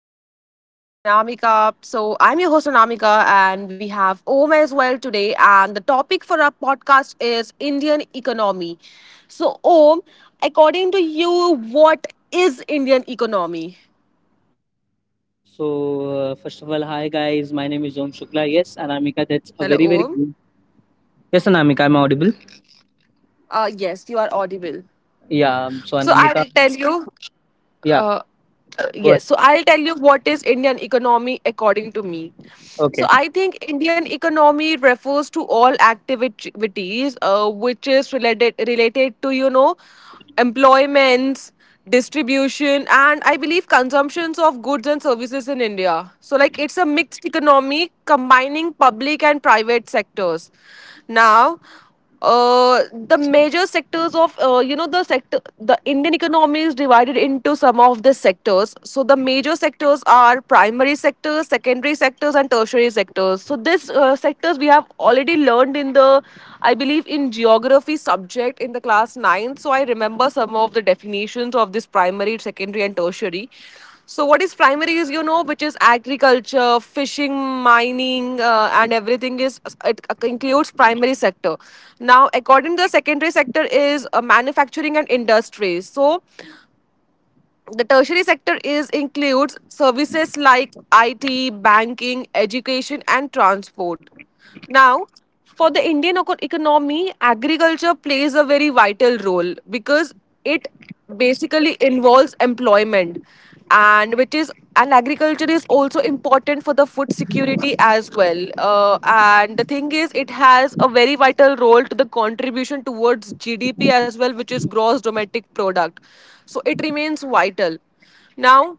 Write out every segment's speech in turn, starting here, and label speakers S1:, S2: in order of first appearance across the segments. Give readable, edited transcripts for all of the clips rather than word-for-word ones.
S1: podcast with Anamika. So, I'm your host, Anamika, and we have Om as well today. And the topic for our podcast is Indian economy. So, Om, according to you, what is Indian economy?
S2: So, first of all, hi guys, my name is Om Shukla. Yes, Anamika, that's a
S1: Hello,
S2: very, very
S1: Om.
S2: good. Yes, Anamika, I'm audible.
S1: Yes, you are audible.
S2: Yeah, so
S1: So, I
S2: Anamika,
S1: will tell you.
S2: yeah,
S1: uh,
S2: go ahead.
S1: yes so I'll tell you what is Indian economy according to me.
S2: Okay.
S1: So I think Indian economy refers to all activities which is related to employments, distribution, and I believe consumptions of goods and services in India. So like it's a mixed economy combining public and private sectors. Now The major sectors of the Indian economy is divided into some of the sectors. So the major sectors are primary sectors, secondary sectors, and tertiary sectors. So this sectors we have already learned in the, I believe, in geography subject in the class 9. So I remember some of the definitions of this primary, secondary, and tertiary. So what is primary is, you know, which is agriculture, fishing, mining, and everything is, it includes primary sector. Now, according to the secondary sector, is manufacturing and industries. So the tertiary sector is includes services like IT, banking, education, and transport. Now, for the economy, agriculture plays a very vital role because it basically involves employment, and which is and agriculture is also important for the food security as well, and the thing is it has a very vital role to the contribution towards gdp as well, which is gross domestic product. So it remains vital. now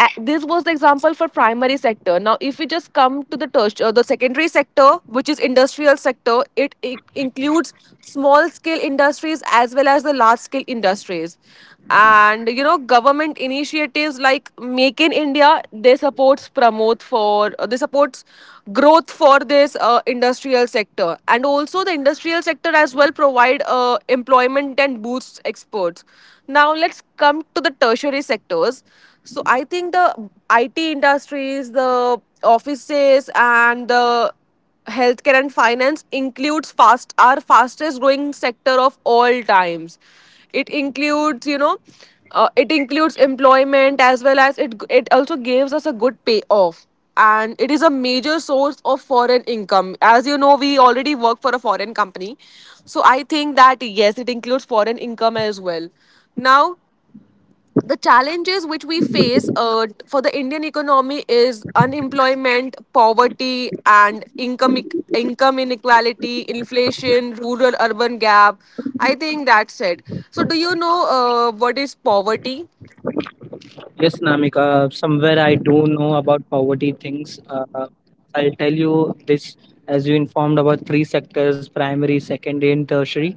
S1: this was the example for primary sector. Now if we just come to the tertiary the secondary sector, which is industrial sector, it includes small scale industries as well as the large scale industries. And you know government initiatives like Make in India, they supports, promote for, they supports growth for this industrial sector. And also the industrial sector as well provide employment and boosts exports. Now let's come to the tertiary sectors. So I think the IT industries, the offices, and the healthcare and finance includes fast, our fastest growing sector of all times. It includes, it includes employment as well as it also gives us a good payoff. And it is a major source of foreign income, as you know we already work for a foreign company. So I think that yes, it includes foreign income as well. Now, the challenges which we face for the Indian economy is unemployment, poverty, and income inequality, inflation, rural urban gap. I think that's it. So, do you know what is poverty?
S2: Yes, Namika, somewhere I do know about poverty things. I'll tell you this as you informed about three sectors: primary, secondary, and tertiary.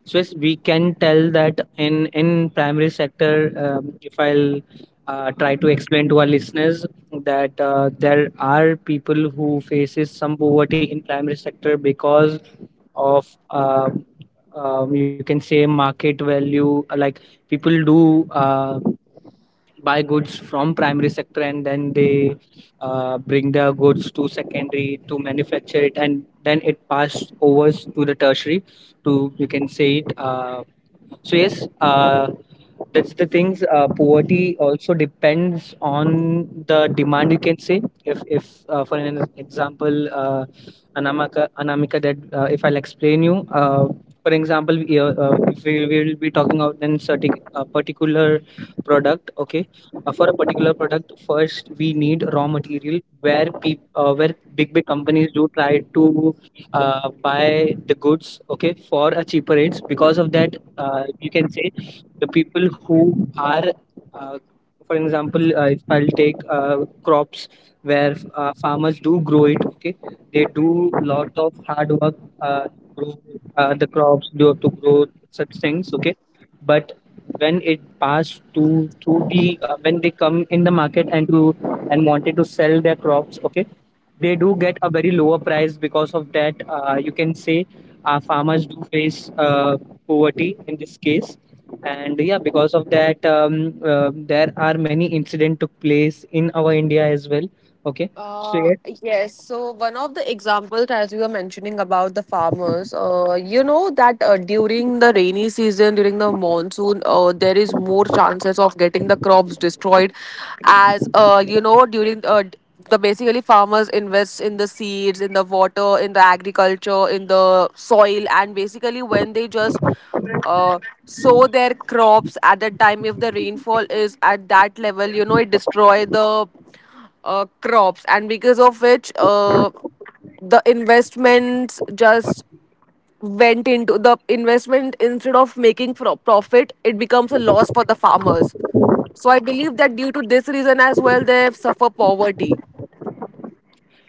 S2: So, yes, we can tell that in primary sector, if I'll try to explain to our listeners that there are people who faces some poverty in primary sector because of um, you can say market value, like people do buy goods from primary sector and then they bring their goods to secondary to manufacture it and then it passed over to the tertiary, to, you can say it. So yes, that's the things. Poverty also depends on the demand. You can say, if for an example, Anamika, that, if I'll explain you. For example, if we will be talking about in certain a particular product. Okay, for a particular product, first we need raw material where where big big companies do try to buy the goods, okay, for a cheaper rates. Because of that, you can say the people who are, uh, for example, if I'll take, crops where farmers do grow it, okay, they do lot of hard work to grow, the crops do to grow such things. Okay, but when it passed to the, when they come in the market and to and wanted to sell their crops, okay, they do get a very lower price. Because of that, you can say our farmers do face poverty in this case. And yeah, because of that, there are many incident took place in our India as well, okay, so
S1: Uh,
S2: yes.
S1: yes. So one of the examples, as you were mentioning about the farmers, you know that during the rainy season, during the monsoon, there is more chances of getting the crops destroyed, as you know during the basically farmers invest in the seeds, in the water, in the agriculture, in the soil, and basically when they just uh, sow their crops, at that time if the rainfall is at that level, you know it destroy the crops. And because of which the investments just went into the investment instead of making profit, it becomes a loss for the farmers. So I believe that due to this reason as well, they suffer poverty.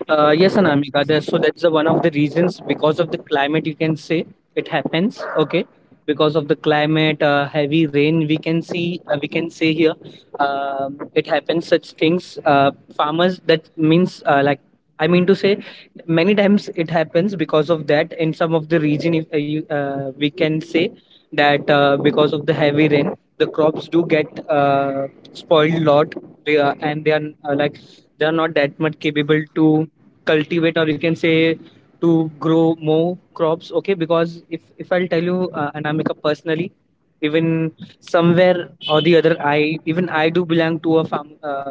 S2: Yes, Anamika. So that's the one of the reasons, because of the climate, you can say it happens. Okay, because of the climate, heavy rain we can see, we can say here, it happens such things. Farmers, that means, like, I mean to say many times it happens because of that in some of the region, if, we can say that, because of the heavy rain the crops do get spoiled a lot. They are, like, they are not that much capable to cultivate, or you can say, to grow more crops. Okay, because if I'll tell you, Anamika, personally, even somewhere or the other, I do belong to a farm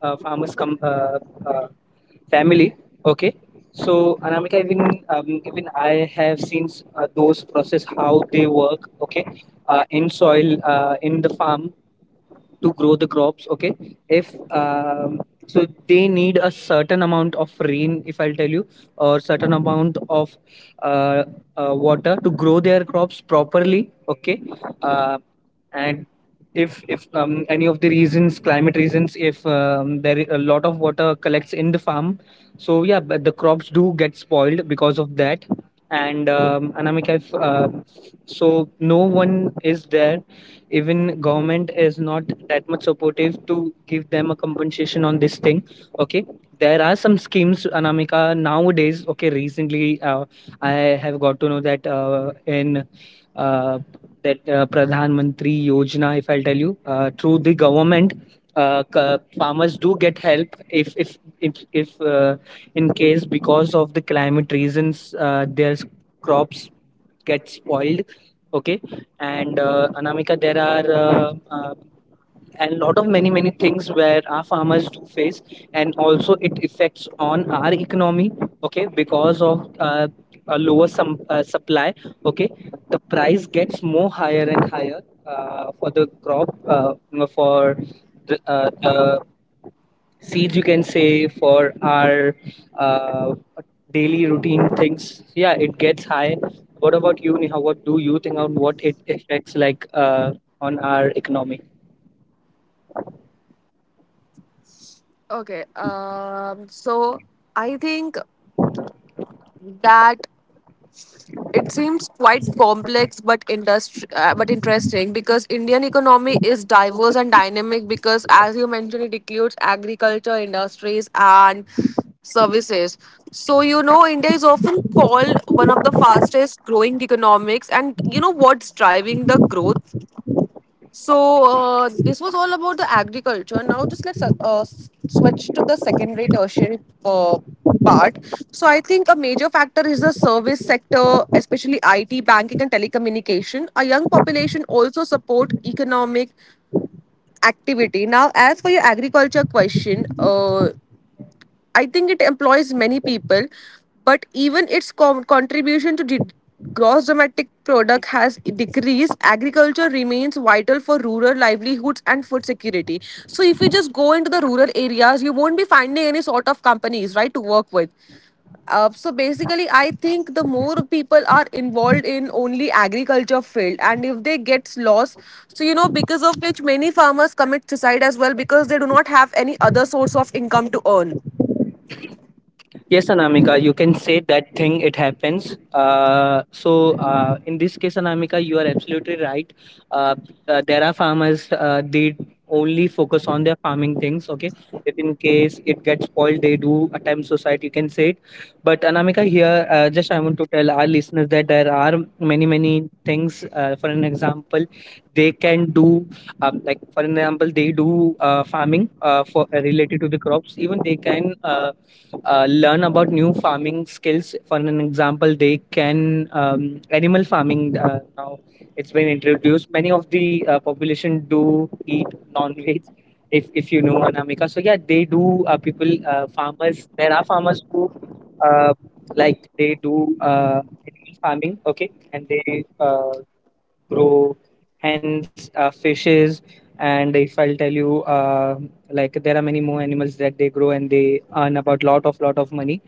S2: a farmers uh, family. Okay, so Anamika, even even I have seen those process how they work. Okay, in soil, in the farm, to grow the crops, okay, if so they need a certain amount of rain, if I'll tell you, or certain amount of uh, water to grow their crops properly, okay, uh, and if any of the reasons, climate reasons, if there a lot of water collects in the farm, so yeah, but the crops do get spoiled because of that. And Anamika, if so no one is there, even government is not that much supportive to give them a compensation on this thing, okay. There are some schemes, Anamika, nowadays, okay. Recently I have got to know that, in uh, that Pradhan Mantri Yojana, if I'll tell you, through the government, farmers do get help if in case, because of the climate reasons, their crops get spoiled. Okay, and Anamika, there are, and lot of many many things where our farmers do face, and also it affects on our economy, okay, because of a lower supply, okay, the price gets more higher and higher for the crop, for the seeds, you can say, for our uh, daily routine things, yeah, it gets high. What about you, Neha? What do you think on what it affects, like, on our economy?
S1: Okay, so I think that it seems quite complex but but interesting because Indian economy is diverse and dynamic, because as you mentioned, it includes agriculture, industries, and services. So you know India is often called one of the fastest growing economics, and you know what's driving the growth. So this was all about the agriculture. Now just let's switch to the secondary tertiary uh, part. So I think a major factor is the service sector, especially IT, banking, and telecommunication. A young population also support economic activity. Now, as for your agriculture question, I think it employs many people, but even its contribution to the gross domestic product has decreased. Agriculture remains vital for rural livelihoods and food security. So, if you just go into the rural areas, you won't be finding any sort of companies, right, to work with. So basically, I think the more people are involved in only agriculture field, and if they gets lost, so you know because of which many farmers commit suicide as well, because they do not have any other source of income to earn.
S2: Yes, Anamika, you can say that thing, it happens. So, in this case, Anamika, you are absolutely right. Uh, there are farmers, they only focus on their farming things, okay? If in case it gets spoiled, they do attempt suicide, you can say it. But, Anamika, here, just I want to tell our listeners that there are many, many things. For an example, they can do, like, for an example, they do farming, for related to the crops. Even they can. Learn about new farming skills. For an example, they can, animal farming, now it's been introduced. Many of the population do eat non-veg, if you know Anamika. So yeah, they do. People, farmers. There are farmers who uh, like they do animal farming. Okay, and they grow, hens, fishes, and if I'll tell you, like there are many more animals that they grow and they earn about lot of money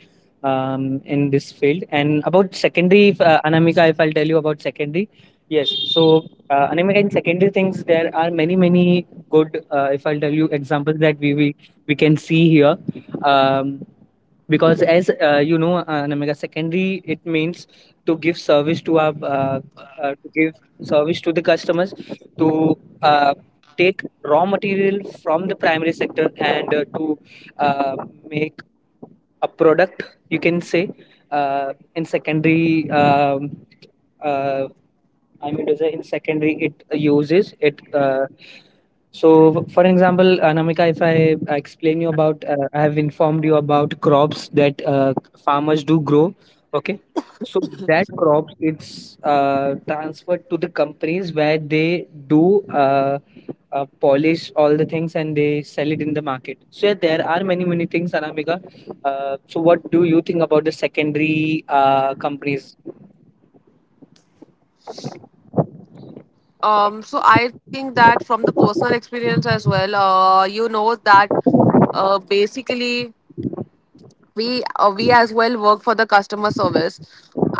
S2: in this field. And about secondary, if, Anamika, if I'll tell you about secondary, yes. So Anamika, in secondary things, there are many many good, if I'll tell you, examples that we can see here. Um, because as you know, Anamika, secondary it means to give service to our, to give service to the customers, to take raw material from the primary sector and to uh, make a product, you can say, in secondary, uh, I mean to say in secondary it uses it, so for example Anamika, if I I explain you about, I have informed you about crops that farmers do grow, okay, so that crops it's transferred to the companies where they do uh, polish all the things and they sell it in the market. So yeah, there are many many things, Anamika. So what do you think about the secondary companies?
S1: So I think that from the personal experience as well, you know that basically we as well work for the customer service.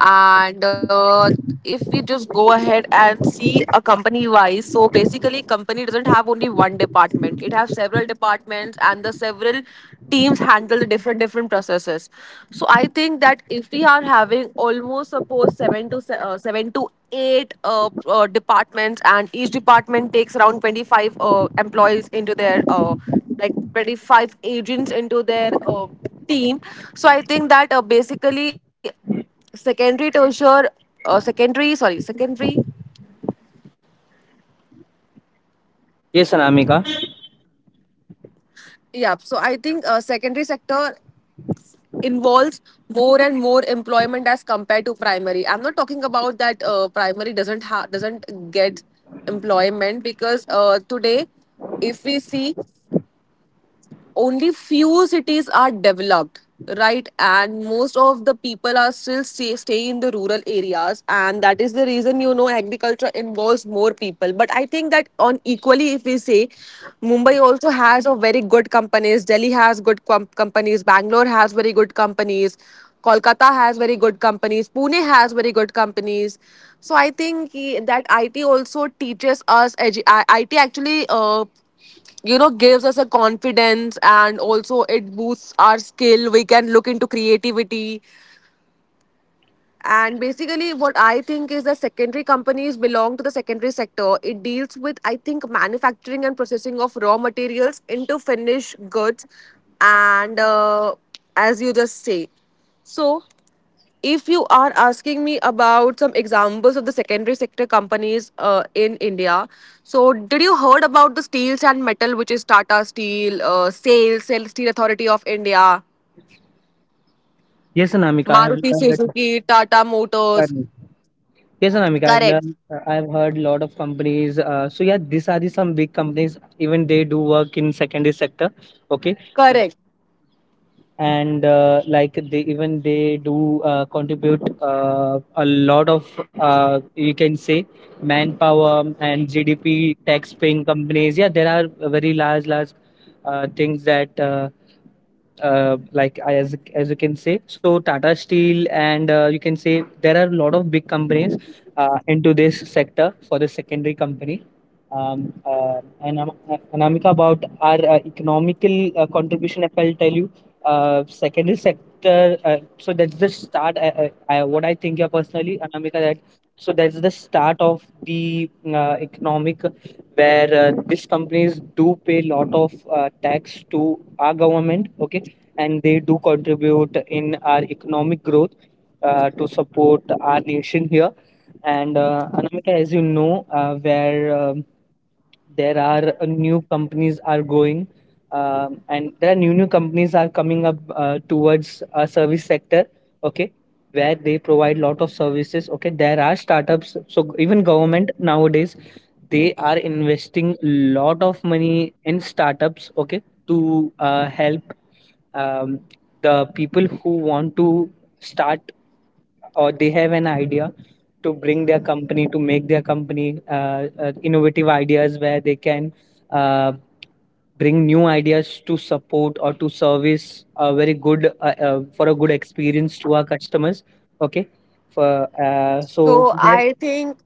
S1: And if we just go ahead and see a company wise, so basically company doesn't have only one department, it has several departments, and the several teams handle the different processes. So I think that if we are having almost suppose 7 to 8 departments, and each department takes around 25 employees into their like 25 agents into their team. So I think that basically secondary tertiary secondary,
S2: Yes, Anamika.
S1: yeah. So I think secondary sector involves more and more employment as compared to primary. I'm not talking about that primary doesn't get employment, because today if we see, only few cities are developed, right, and most of the people are still staying in the rural areas, and that is the reason you know agriculture involves more people. But I think that on equally, if we say, Mumbai also has a very good companies, Delhi has companies, Bangalore has very good companies, Kolkata has very good companies, Pune has very good companies. So I think eh, that it also teaches us it actually you know gives us a confidence, and also it boosts our skill, we can look into creativity. And basically what I think is that secondary companies belong to the secondary sector. It deals with, I think, manufacturing and processing of raw materials into finished goods. And as you just say, so if you are asking me about some examples of the secondary sector companies in India, so did you heard about the steels and metal, which is Tata Steel, SAIL, SAIL Steel Authority of India,
S2: Yes, Anamika. I have
S1: Maruti
S2: learned.
S1: Suzuki, Tata Motors?
S2: Pardon. Yes, Anamika. I've
S1: Correct,
S2: learned. I've heard a lot of companies. So yeah, these are the some big companies. Even they do work in secondary sector. Okay,
S1: correct.
S2: and like they do contribute, a lot of, you can say, manpower and GDP tax paying companies. Yeah, there are very large things that. Like as you can say. So Tata Steel, and you can say, there are a lot of big companies into this sector for the secondary company. Anamika, about our economical contribution, if I'll tell you, secondary sector. So that's the start. What I think here personally, Anamika, that so that's the start of the economic, where these companies do pay a lot of tax to our government, okay, and they do contribute in our economic growth, to support our nation here. And Anamika, as you know, where there are new companies are going, and there are new companies are coming up, towards service sector. Okay, where they provide lot of services. Okay, there are startups. So even government nowadays, they are investing lot of money in startups. Okay, to help um, the people who want to start, or they have an idea to bring their company, to make their company innovative ideas where they can uh, bring new ideas to support or to service a very good, for a good experience to our customers, okay, for so
S1: So
S2: they.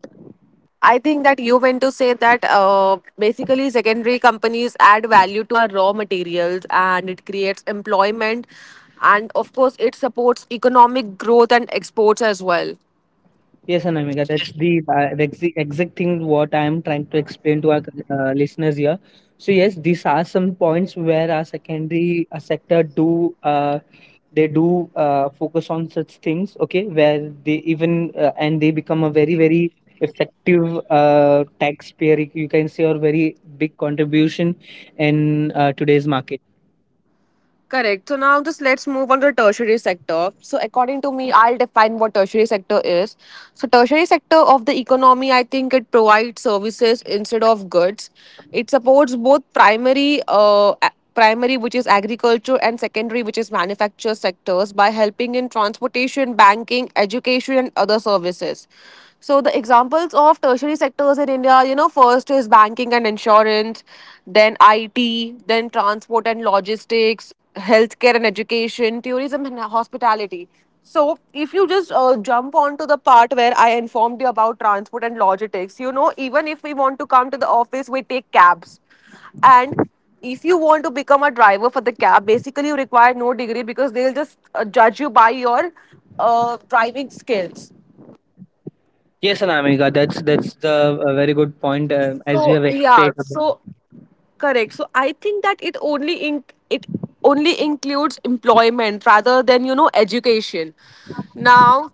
S1: I think that you meant to say that basically secondary companies add value to our raw materials, and it creates employment, and of course it supports economic growth and exports as well.
S2: Yes, Anamika, that's the exact thing what I am trying to explain to our listeners here. So yes, these are some points where our secondary sector do they do focus on such things. Okay, where they even and they become a very, very effective taxpayer. You can say, or very big contribution in today's market.
S1: Correct. So now just let's move on to the tertiary sector. So according to me, I'll define what tertiary sector is. So tertiary sector of the economy, I think it provides services instead of goods. It supports both primary, primary which is agriculture, and secondary which is manufacture sectors, by helping in transportation, banking, education, and other services. So the examples of tertiary sectors in India, you know, first is banking and insurance, then IT, then transport and logistics, healthcare and education, tourism and hospitality. So if you just jump on to the part where I informed you about transport and logistics, you know, even if we want to come to the office, we take cabs. And if you want to become a driver for the cab, basically you require no degree, because they'll just judge you by your driving skills.
S2: Yes, Anamika, that's the very good point as you
S1: So
S2: have
S1: yeah,
S2: explained.
S1: so correct. So I think that it only includes employment rather than you know education. Now,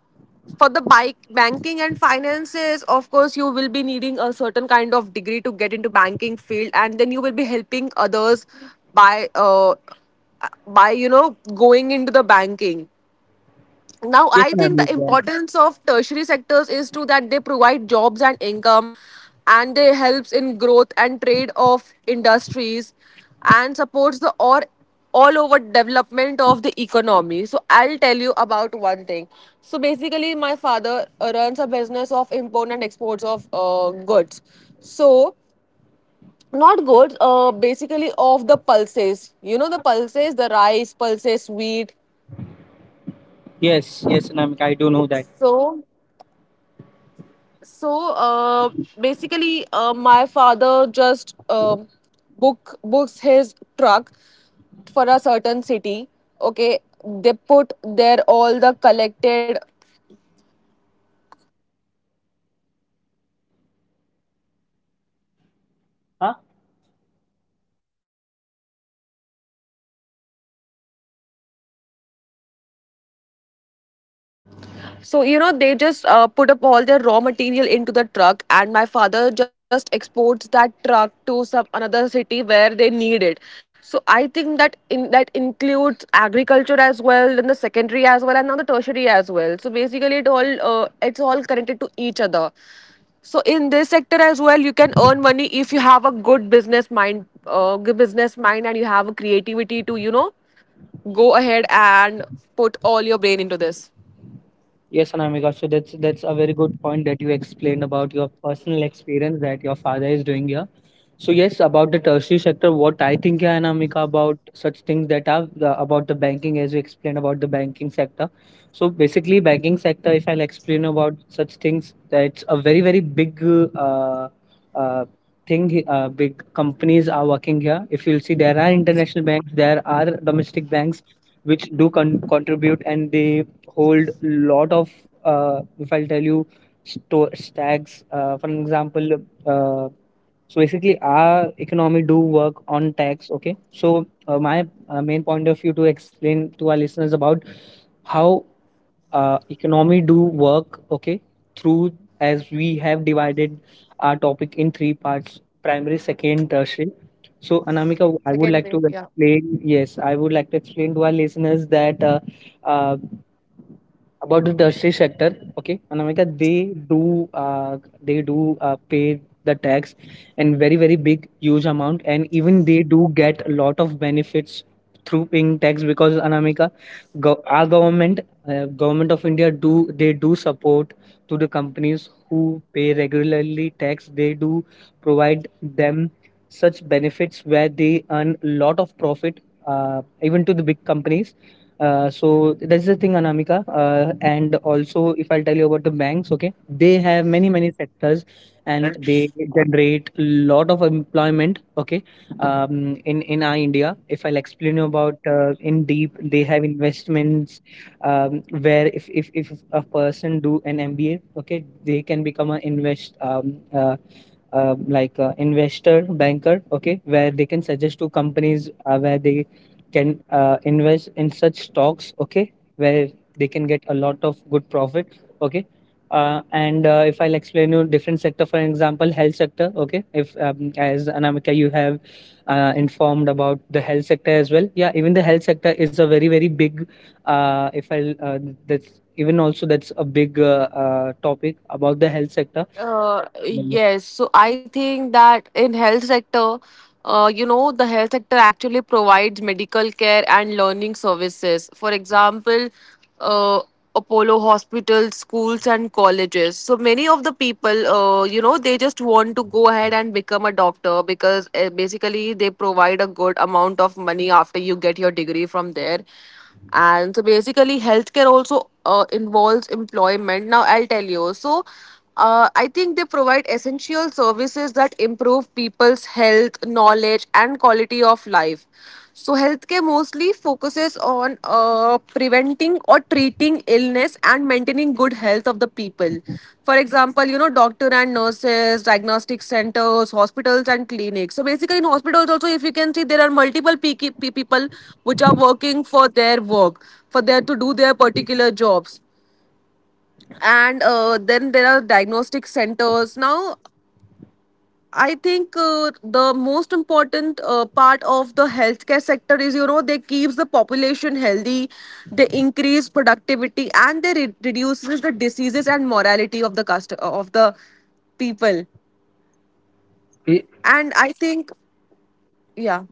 S1: for the bike banking and finances, of course, you will be needing a certain kind of degree to get into banking field, and then you will be helping others by uh by you know going into the banking. Now
S2: Yes,
S1: I think the
S2: Anamika.
S1: importance of tertiary sectors is to that they provide jobs and income, and they helps in growth and trade of industries, and supports the or all over development of the economy. So I'll tell you about one thing. So basically my father runs a business of import and exports of goods. So not goods, basically of the pulses, you know the pulses, the rice, pulses, wheat.
S2: Yes, yes, Namika, I do know that.
S1: So so uh, basically my father just books his truck for a certain city, okay, they put their all the collected.
S2: Huh?
S1: So, you know, they just put up all their raw material into the truck, and my father just exports that truck to some another city where they need it. So, I think that in that includes agriculture as well, then the secondary as well, and now the tertiary as well. So, basically, it all it's all connected to each other. So, in this sector as well, you can earn money if you have a good business mind, and you have a creativity to go ahead and put all your brain into this.
S2: Yes, Anamika. So that's a very good point that you explained about your personal experience that your father is doing here. So yes, about the tertiary sector, what I think, yeah, Anamika, about such things, about the banking, as you explained about the banking sector. So basically, banking sector, if I'll explain about such things, that's a very, very big uh, uh, thing. Big companies are working here. If you'll see, there are international banks, there are domestic banks, which contribute, and they hold lot of if I'll tell you store stacks. For an example, so basically our economy do work on tax. Okay, so my main point of view to explain to our listeners about how economy do work. Okay, through as we have divided our topic in three parts: primary, second, tertiary. So, Anamika, I would like to
S1: Secondary, yeah.
S2: explain. Yes, I would like to explain to our listeners that uh, about the tertiary sector, okay, in America uh, they do pay the tax in very very big huge amount, and even they do get a lot of benefits through paying tax because in America our government, government of India do, they do support to the companies who pay regularly tax. They do provide them such benefits where they earn a lot of profit, even to the big companies. So that's the thing, Anamika. And also, if I'll tell you about the banks, okay, they have many many sectors, and they generate lot of employment. Okay, in our India, if I'll explain you about in deep, they have investments, where if a person do an MBA, okay, they can become an investor banker, okay, where they can suggest to companies where they can invest in such stocks, okay, where they can get a lot of good profit. Okay, and if I'll explain you different sector, for example health sector, okay, if as Anamika you have informed about the health sector as well. Yeah, even the health sector is a very very big if I'll that's even also, that's a big topic about the health sector. Mm.
S1: Yes, so I think that in health sector, the health sector actually provides medical care and learning services. For example, uh, Apollo hospitals, schools, and colleges. So many of the people, they just want to go ahead and become a doctor because basically they provide a good amount of money after you get your degree from there. And so basically, healthcare also involves employment. Now, I'll tell you. So, I think they provide essential services that improve people's health, knowledge, and quality of life. So, healthcare mostly focuses on preventing or treating illness and maintaining good health of the people. For example, doctor and nurses, diagnostic centers, hospitals, and clinics. So, basically, in hospitals, also, if you can see, there are multiple people which are working for their work, for their to do their particular jobs and then there are diagnostic centers now. I think the most important part of the healthcare sector is, they keeps the population healthy, they increase productivity and they reduces the diseases and morality of the people.
S2: I-
S1: And I think yeah.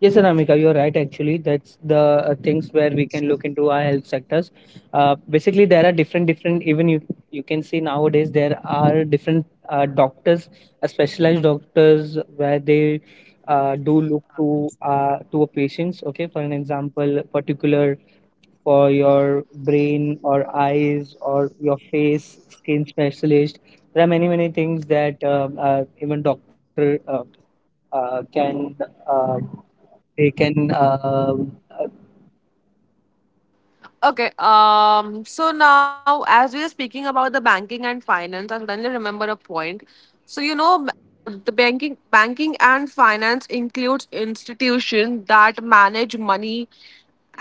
S2: Yes, Anamika, you're right. Actually, that's the things where we can look into our health sectors. Basically, there are different, different. Even you, you can see nowadays there are different doctors, specialized doctors, where they do look to a patients. Okay, for an example, particular for your brain or eyes or your face, skin specialist. There are many, many things that even doctor can. Uh, they can. Uh,
S1: Okay, so now as we are speaking about the banking and finance, I suddenly remember a point. So, banking and finance includes institutions that manage money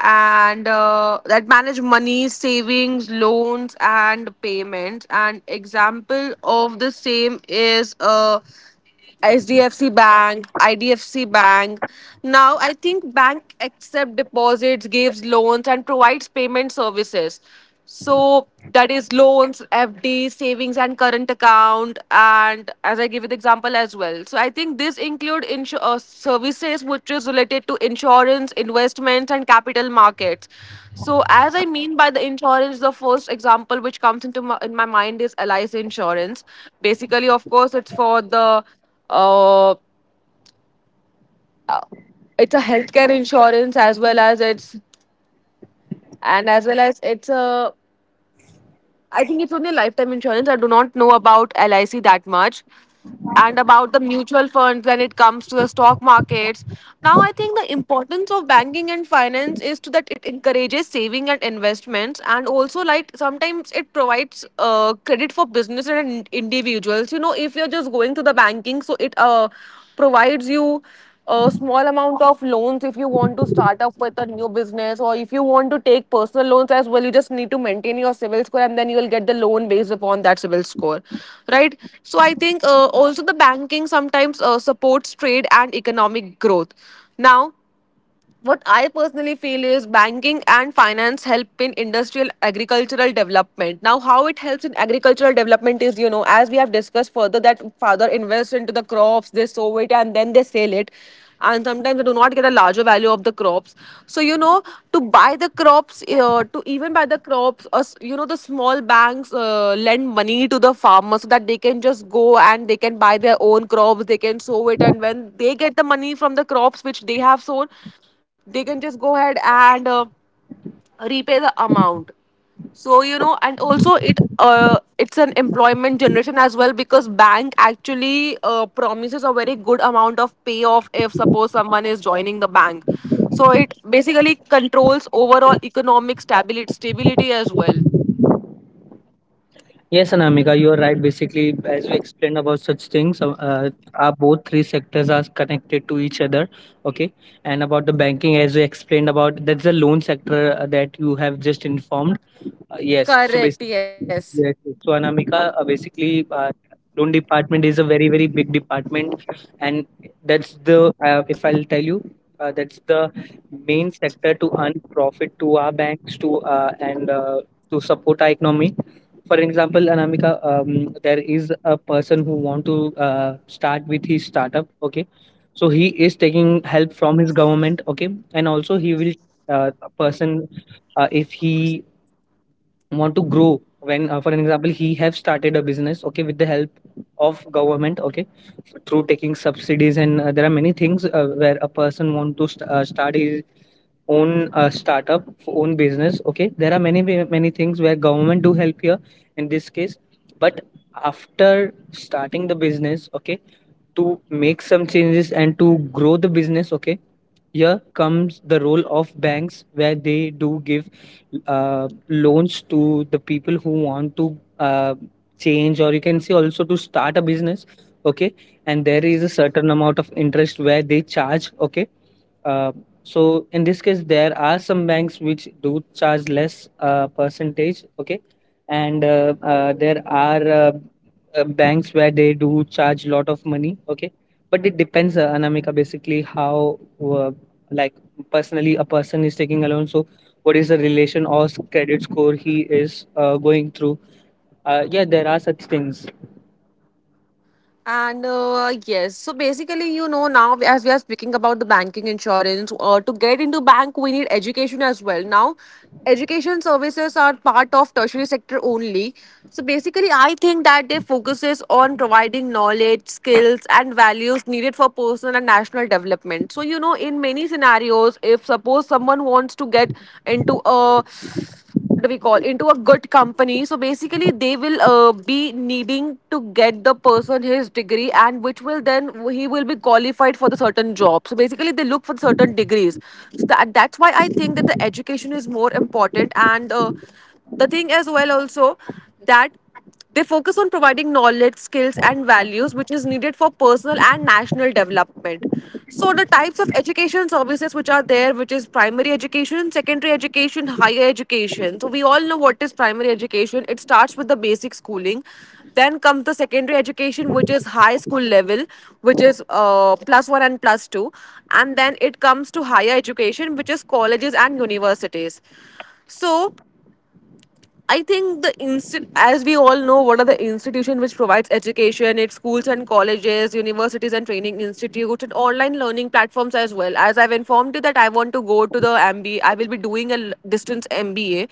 S1: and savings, loans, and payments. And example of the same is HDFC Bank, IDFC Bank. Now, I think bank accept deposits, gives loans, and provides payment services. So that is loans, FD, savings, and current account. And as I give you the example as well. So I think this include services which is related to insurance, investments, and capital markets. So as I mean by the insurance, the first example which comes into in my mind is LIC insurance. Basically, of course, it's for the uh, it's a healthcare insurance as well as it's and as well as it's, a I think, it's only lifetime insurance. I do not know about LIC that much, and about the mutual funds when it comes to the stock markets. Now I think the importance of banking and finance is to that it encourages saving and investments, and also, like, sometimes it provides credit for business and individuals. You know, if you're just going to the banking, so it provides you a small amount of loans if you want to start up with a new business, or if you want to take personal loans as well, you just need to maintain your civil score and then you will get the loan based upon that civil score, right? So I think also the banking sometimes supports trade and economic growth. Now what I personally feel is banking and finance help in industrial agricultural development. Now, how it helps in agricultural development is, you know, as we have discussed further, that father invests into the crops, they sow it, and then they sell it. And sometimes they do not get a larger value of the crops. So, you know, to buy the crops, to even buy the crops, the small banks lend money to the farmers so that they can just go and they can buy their own crops, they can sow it. And when they get the money from the crops which they have sown, they can just go ahead and repay the amount. So, you know, and also it it's an employment generation as well because bank actually promises a very good amount of payoff if suppose someone is joining the bank. So it basically controls overall economic stability as well.
S2: yes, Anamika, you are right. Basically, as you explained about such things, our both three sectors are connected to each other. Okay, and about the banking, as you explained about, that's the loan sector that you have just informed.
S1: Correct,
S2: Yes. So basically,
S1: yes.
S2: yes. Yes. So Anamika, basically, loan department is a very very big department, and that's the if I'll tell you, that's the main sector to earn profit to our banks, to and to support our economy. For example, Anamika, there is a person who want to start with his startup. Okay, so he is taking help from his government. Okay, and also he will, a person, if he want to grow when, for an example he have started a business, okay, with the help of government, okay, through taking subsidies, and there are many things where a person want to start his own startup own business. Okay, there are many things where government do help here in this case. But after starting the business, okay, to make some changes and to grow the business, okay, here comes the role of banks where they do give loans to the people who want to change, or you can say also to start a business. Okay, and there is a certain amount of interest where they charge. Okay, uh, so in this case, there are some banks which do charge less percentage, okay, and there are banks where they do charge lot of money, okay. But it depends, Anamika, basically how like personally a person is taking a loan. So what is the relation or credit score he is going through? Yeah, there are such things.
S1: And yes, so basically, you know, now as we are speaking about the banking insurance, to get into bank, we need education as well. Now, education services are part of tertiary sector only. So basically, I think that they focuses on providing knowledge, skills, and values needed for personal and national development. So you know, in many scenarios, if suppose someone wants to get into a what do we call into a good company, so basically they will be needing to get the person his degree, and which will then he will be qualified for the certain job. So basically they look for certain degrees. So that, that's why I think that the education is more important, and the thing as well also that they focus on providing knowledge, skills, and values which is needed for personal and national development. So, the types of education services which are there, which is primary education, secondary education, higher education. So, we all know what is primary education. It starts with the basic schooling. Then comes the secondary education, which is high school level, which is plus one and plus two. And then it comes to higher education, which is colleges and universities. So, I think as we all know, what are the institution which provides education? It's schools and colleges, universities and training institutes, and online learning platforms as well. As I've informed you that I want to go to the MBA, I will be doing a distance MBA.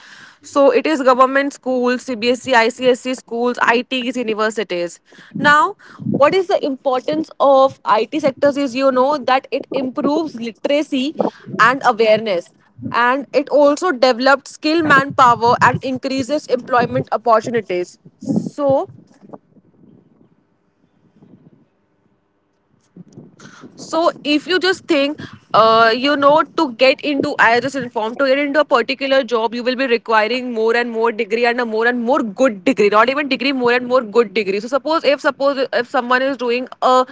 S1: So it is government schools, CBSE, ICSE schools, ITs, universities. Now, what is the importance of IT sectors? Is, you know, that it improves literacy and awareness, and it also developed skilled manpower and increases employment opportunities. So, so if you just think, to get into, I just informed, to get into a particular job, you will be requiring more and more degree, and a more and more good degree, not even degree, more and more good degree. So suppose, if suppose if someone is doing a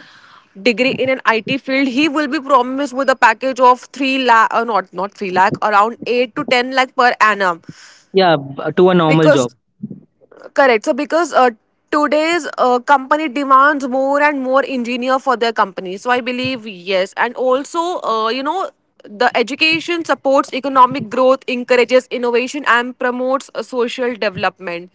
S1: degree in an IT field, he will be promised with a package of 3 lakh, or not, not 3 lakh, around 8 to 10 lakh per annum.
S2: Yeah, b- to a normal job.
S1: Because correct. So because today's company demands more and more engineer for their company. So I believe yes, and also the education supports economic growth, encourages innovation, and promotes social development.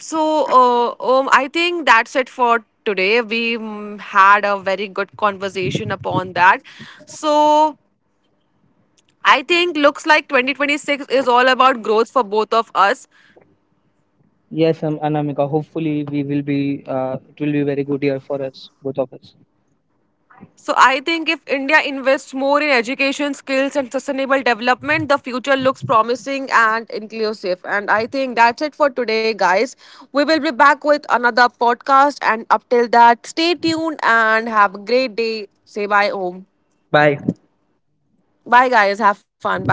S1: So I think that's it for today. We had a very good conversation upon that. So I think looks like 2026 is all about growth for both of us.
S2: Yes, Anamika. Hopefully, we will be. It will be very good year for us, both of us.
S1: So I think if India invests more in education, skills, and sustainable development, the future looks promising and inclusive. And I think that's it for today, guys. We will be back with another podcast. And up till that, stay tuned and have a great day. Say bye, Om.
S2: Bye.
S1: Bye, guys. Have fun. Bye.